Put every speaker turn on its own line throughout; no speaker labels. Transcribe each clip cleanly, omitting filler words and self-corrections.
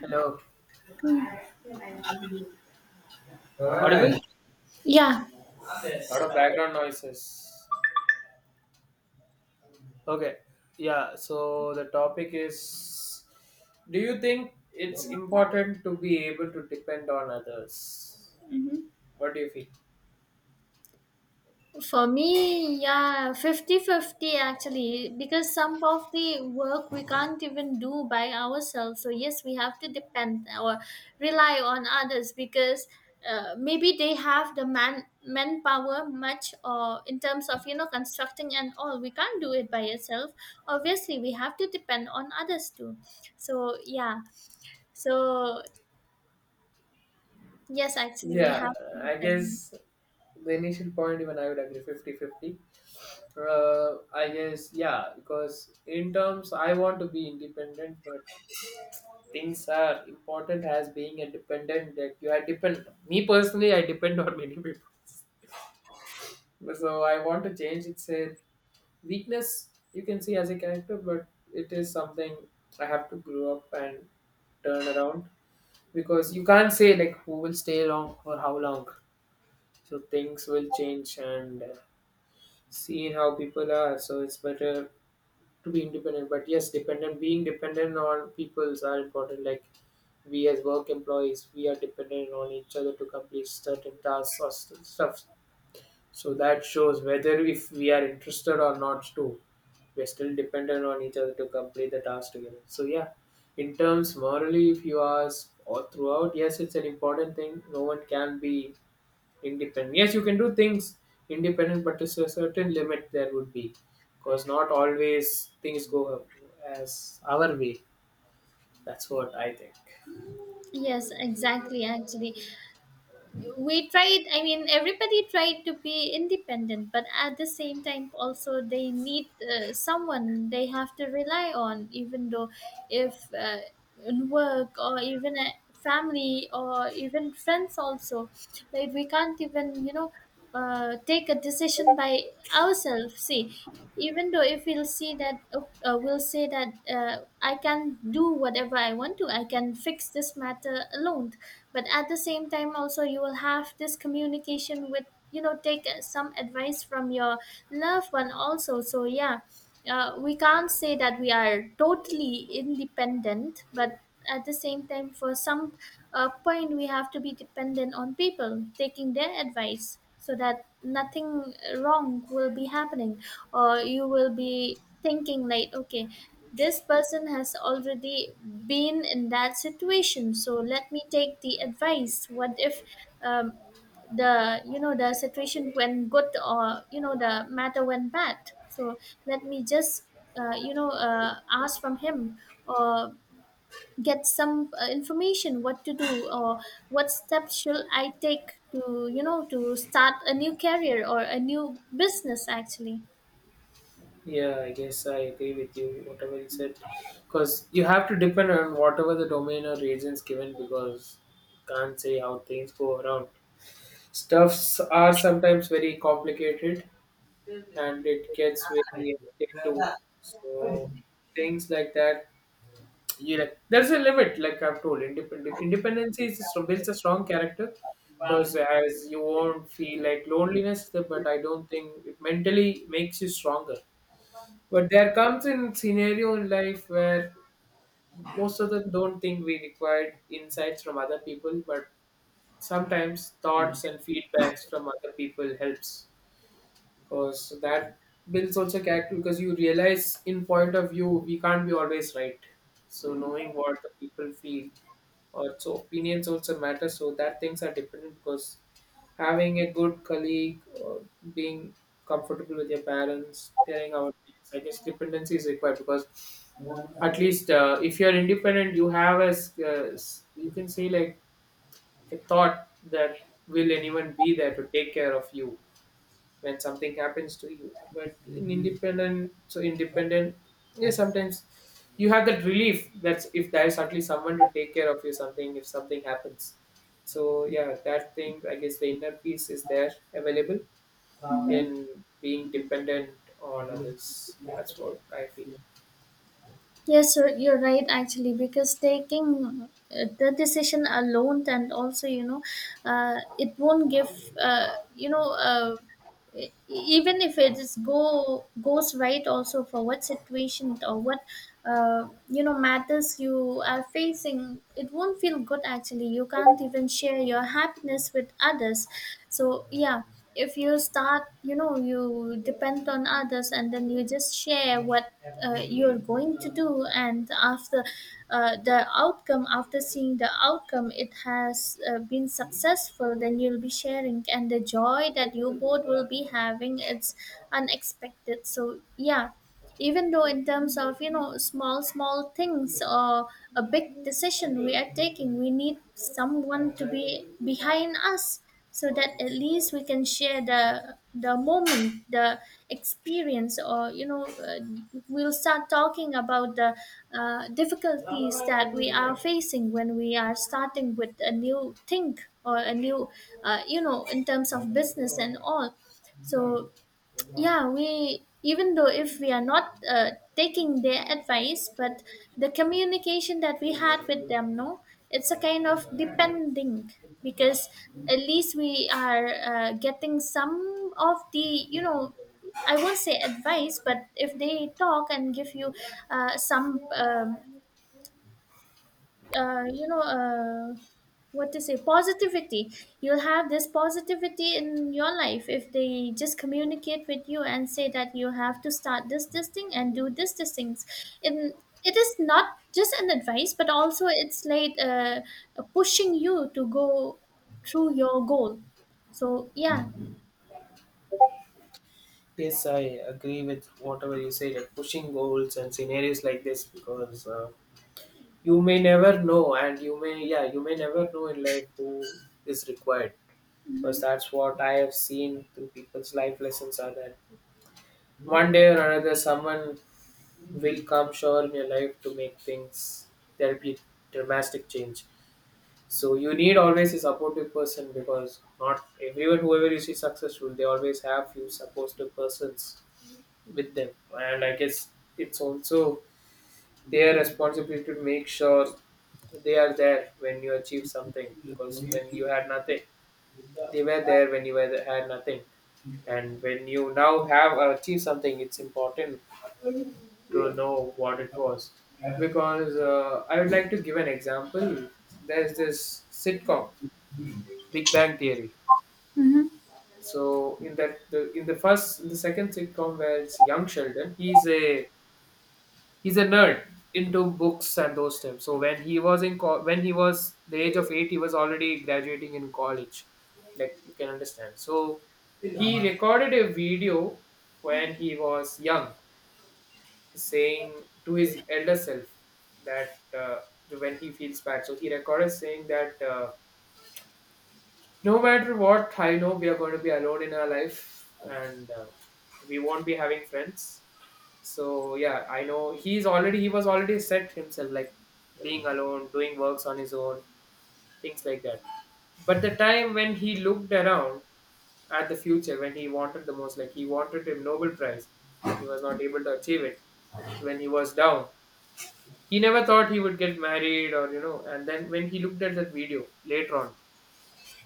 Hello. Audible?
Yeah,
Lot of background noises. Okay. Yeah, so the topic is, do you think it's important to be able to depend on others? What do you feel?
for me, yeah, 50-50 actually, because some of the work we can't even do by ourselves. So yes, we have to depend or rely on others because maybe they have the manpower much or in terms of constructing and all we can't do it by yourself. Obviously we have to depend on others too, so yeah. So yes, actually we
Yeah,
have to
I
depend.
guess the initial point, even I would agree fifty-fifty. I guess, yeah, because in terms, I want to be independent, but things are important as being a dependent that you are depend. Me personally, I depend on many people. So I want to change. It's a weakness you can see as a character, but it is something I have to grow up and turn around because you can't say like who will stay long for how long. So things will change and see how people are. So it's better to be independent. But yes, dependent being dependent on peoples are important. Like we as work employees, we are dependent on each other to complete certain tasks or stuff. So that shows whether if we are interested or not too, we're still dependent on each other to complete the task together. So yeah, in terms morally, if you ask all throughout, yes, it's an important thing. No one can be independent. Yes, you can do things independent, but to a certain limit there would be, because not always things go as our way. That's what I think.
Yes, exactly, actually we tried, everybody tried to be independent, but at the same time also they need someone they have to rely on, even though if in work or even at family or even friends also. Like, we can't even take a decision by ourselves. See, even though if we'll see that we'll say that I can do whatever I want to, I can fix this matter alone, but at the same time also you will have this communication with, take some advice from your loved one also. So yeah, we can't say that we are totally independent, but at the same time, for some point, we have to be dependent on people, taking their advice so that nothing wrong will be happening, or you will be thinking, like, okay, this person has already been in that situation, so let me take the advice. What if? Um, the, the situation when good, or the matter when bad. So let me just ask from him, or get some information what to do, or what steps should I take to, to start a new career or a new business actually.
Yeah, I guess I agree with you, whatever you said. Because you have to depend on whatever the domain or regions given, because you can't say how things go around. Stuffs are sometimes very complicated and it gets very hectic too. So things like that, you like there's a limit. Like I've told, independent independency is a, builds a strong character because as you won't feel like loneliness, but I don't think it mentally makes you stronger. But there comes in scenario in life where most of them don't think we required insights from other people, but sometimes thoughts and feedbacks from other people helps because that builds also character because you realize in point of view we can't be always right. So knowing what the people feel or so opinions also matter so that things are dependent because having a good colleague or being comfortable with your parents telling our things, I guess dependency is required because at least if you're independent you have as you can say like a thought that will anyone be there to take care of you when something happens to you, but in independent so independent. Yeah, sometimes you have that relief that if there is at least someone to take care of you something if something happens. So yeah, that thing I guess the inner peace is there available
Mhm.
in being dependent on others. That's what I feel.
Yes, sir, you're right actually, because taking the decision alone, and also it won't give, even if it is go goes right also, for what situation or what matters you are facing, it won't feel good actually. You can't even share your happiness with others, so yeah. If you start, you depend on others and then you just share what you're going to do, and after the outcome, after seeing the outcome it has been successful, then you'll be sharing, and the joy that you both will be having, it's unexpected. So yeah, even though in terms of, small small things or a big decision we are taking, we need someone to be behind us, so that at least we can share the moment, the experience, or we'll start talking about the difficulties that we are facing when we are starting with a new thing or a new in terms of business and all. So yeah, we, even though if we are not taking their advice, but the communication that we had with them, no, it's a kind of depending, because at least we are getting some of the, I won't say advice, but if they talk and give you some uh, you know uh, what to say, positivity. You'll have this positivity in your life if they just communicate with you and say that you have to start this this thing and do this this things, and it is not just an advice, but also it's like pushing you to go through your goal. So yeah.
Yes, I agree with whatever you said, like pushing goals and scenarios like this because you may never know and you may never know in life who is required because
Hmm.
that's what I have seen through people's life lessons are that one day or another someone will come sure in your life to make things, there'll be dramatic change. So you need always a supportive person because not everyone whoever you see successful they always have few supportive persons with them, and I guess it's also their responsibility to make sure they are there when you achieve something, because when you had nothing they were there when you were had nothing, and when you now have achieved something it's important to know what it was. Because I would like to give an example. There's this sitcom, Big Bang Theory. So in in the second sitcom where it's Young Sheldon, he's a nerd into books and those things. So when he was in when he was the age of 8, he was already graduating in college, like you can understand. So he recorded a video when he was young, saying to his elder self that when he feels bad. So he recorded saying that no matter what, I know we are going to be alone in our life and we won't be having friends. So yeah, I know he was already set himself like being alone, doing works on his own, things like that. But the time when he looked around at the future, when he wanted the most, like he wanted a Nobel Prize, but he was not able to achieve it. So when he was down, he never thought he would get married, or you know, and then when he looked at that video later on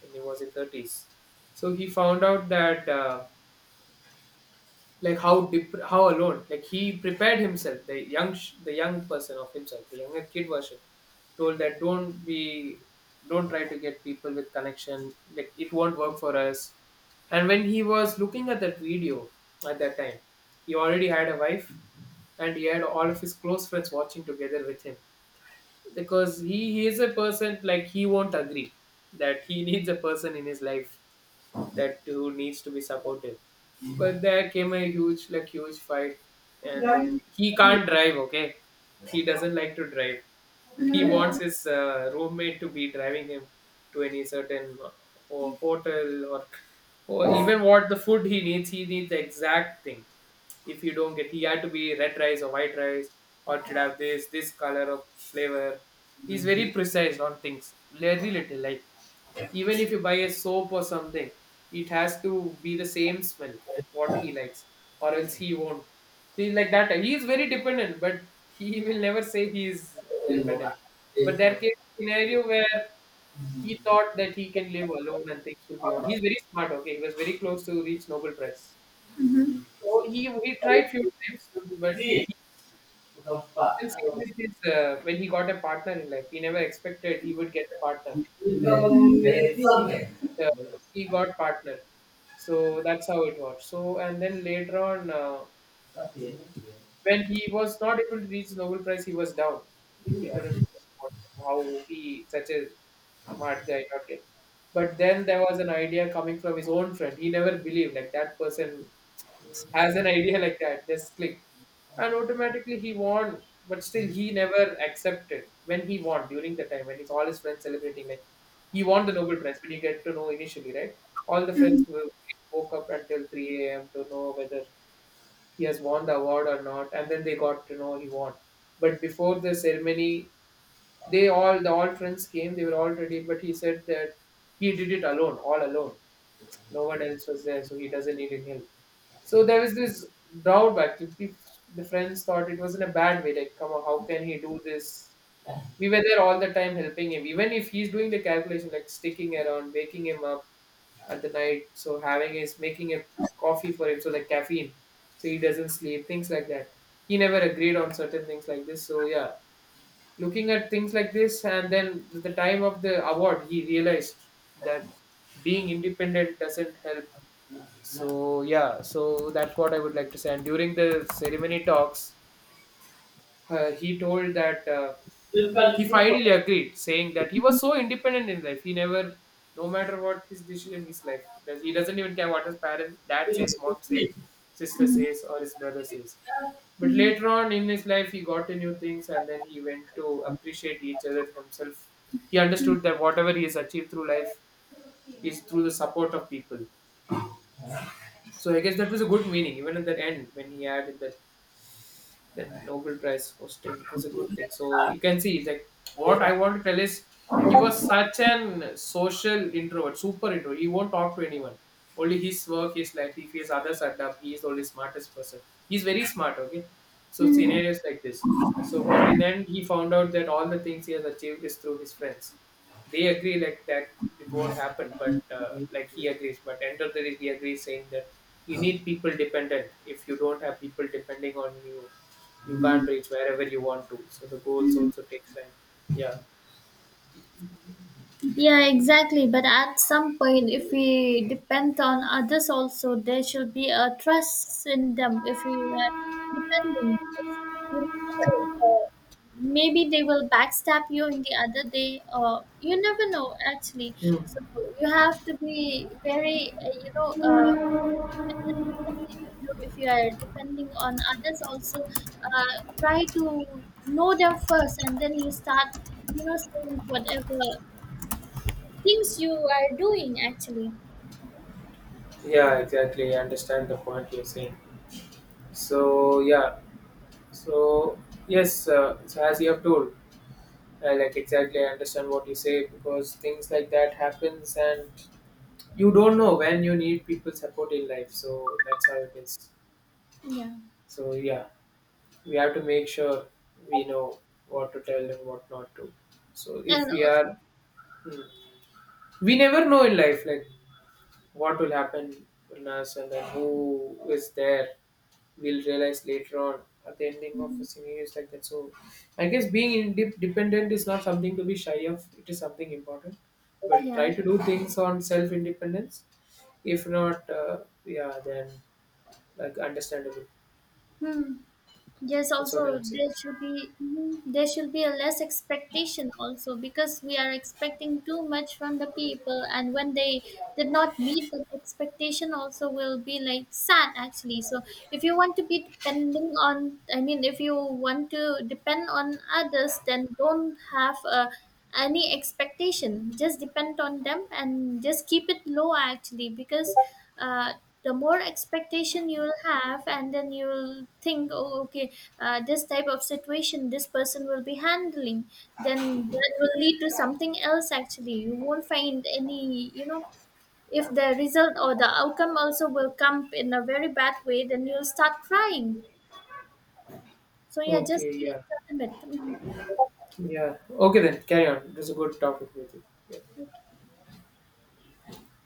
when he was in 30s, so he found out that like how how alone like he prepared himself, the the young person of himself, the younger kid version, told that don't try to get people with connection like it won't work for us. And when he was looking at that video at that time, he already had a wife, and he had all of his close friends watching together with him, because he is a person like he won't agree that he needs a person in his life that who needs to be supportive. But there came a huge, like huge fight, and then he can't drive. Okay, he doesn't like to drive. He wants his roommate to be driving him to any certain hotel or even what the food he needs. He needs the exact thing. If you don't get, he had to be red rice or white rice, or it should have this color of flavor. He's
Hmm.
very precise on things. Very little, like even if you buy a soap or something it has to be the same smell what he likes, or else he won't. He's like that, he is very dependent but he will never say he is
Ujú,
dependent. But there came a scenario where he thought that he can live alone and things will be on. He's very smart, okay? He was very close to reach Nobel Prize, so he tried few times, but he, even same with his when he got a partner in life he never expected he would get a partner. But uh, he got partner. So that's how it was. So and then later on, when he was not able to reach Nobel Prize, he was down. Like he couldn't. How he such a smart guy not get. But then there was an idea coming from his own friend. He never believed like that person has an idea like that, just click. And automatically he won, but still he never accepted when he won during the time when he's all his friends celebrating like he won the Nobel Prize when you get to know initially, right? All the friends were, woke up until 3 a.m. to know whether he has won the award or not, and then they got to know he won. But before the ceremony, the all friends came, they were all ready, but he said that he did it alone, all alone. No one else was there, so he doesn't need any help. So there was this drawback. The the friends thought it was in a bad way. Like, come on, how can he do this? We were there all the time helping him. Even if he's doing the calculation, like sticking around, waking him up at the night, so having his making a coffee for him, so like caffeine, so he doesn't sleep, things like that. He never agreed on certain things like this. So yeah, looking at things like this and then at the time of the award he realized that being independent doesn't help. So yeah, so that's what I would like to say. And during the ceremony talks, he told that he finally agreed, saying that he was so independent in life. He never, no matter what his decision in his life, does he doesn't even care what his parent, dad says, mom says, sister
ujú,
says, or his brother says. But later on in his life, he got to new things, and then he went to appreciate each other himself. He understood that whatever he has achieved through life is through the support of people. So I guess that was a good meaning, even at the end when he had that Nobel Prize hosting. It was a good thing. So you can see like what I want to tell is he was such an social introvert, super introvert. He won't talk to anyone. Only his work, his life, if he has others at up, he is the only smartest person. He's very smart, okay? So scenarios like this. So but in the end he found out that all the things he has achieved is through his friends. They agree like that it won't happen, but like he agrees, but end of the day he agrees saying that you need people dependent. If you don't have people depending on you, you can't reach wherever you want to, so the goals
ujú.
also takes time. Yeah.
Yeah, exactly. But at some point, if we depend on others also, there should be a trust in them. If we are depending, you never know, maybe they will backstab you in the other day, or you never know actually. So
Mm.
you have to be very, even though if you are depending on others also, try to know them first, and then you start, saying whatever things you are doing actually.
Yeah, exactly, I understand the point you're saying. So yeah. So yes, so as you have told, like exactly I understand what you say because things like that happens and you don't know when you need people support in life, so that's how it is.
Yeah.
So yeah, we have to make sure we know what to tell and what not to. So if
And
we
also.
are, mm, we never know in life like what will happen in us and then who is there. We'll realize later on at the ending of a
Mhm.
scenarios like that. So I guess being independent is not something to be shy of. It is something important. But try
Yeah.
to do things on self independence. If not, yeah, then, like, understandable.
Hmm. Yes,
That's
also
what I would say.
there should be, there should be a less expectation also, because we are expecting too much from the people, and when they did not meet the expectation also, will be like sad actually. So if you want to be depending on, if you want to depend on others, then don't have a any expectation, just depend on them and just keep it low actually, because uh, the more expectation you'll have, and then you'll think, oh, okay, this type of situation this person will be handling, then that will lead to something else actually. You won't find any, if the result or the outcome also will come in a very bad way, then you'll start crying. So yeah, just
Okay,
be
yeah.
intimate.
Yeah. Okay then. Carry on. It was a good talking with you. Yeah.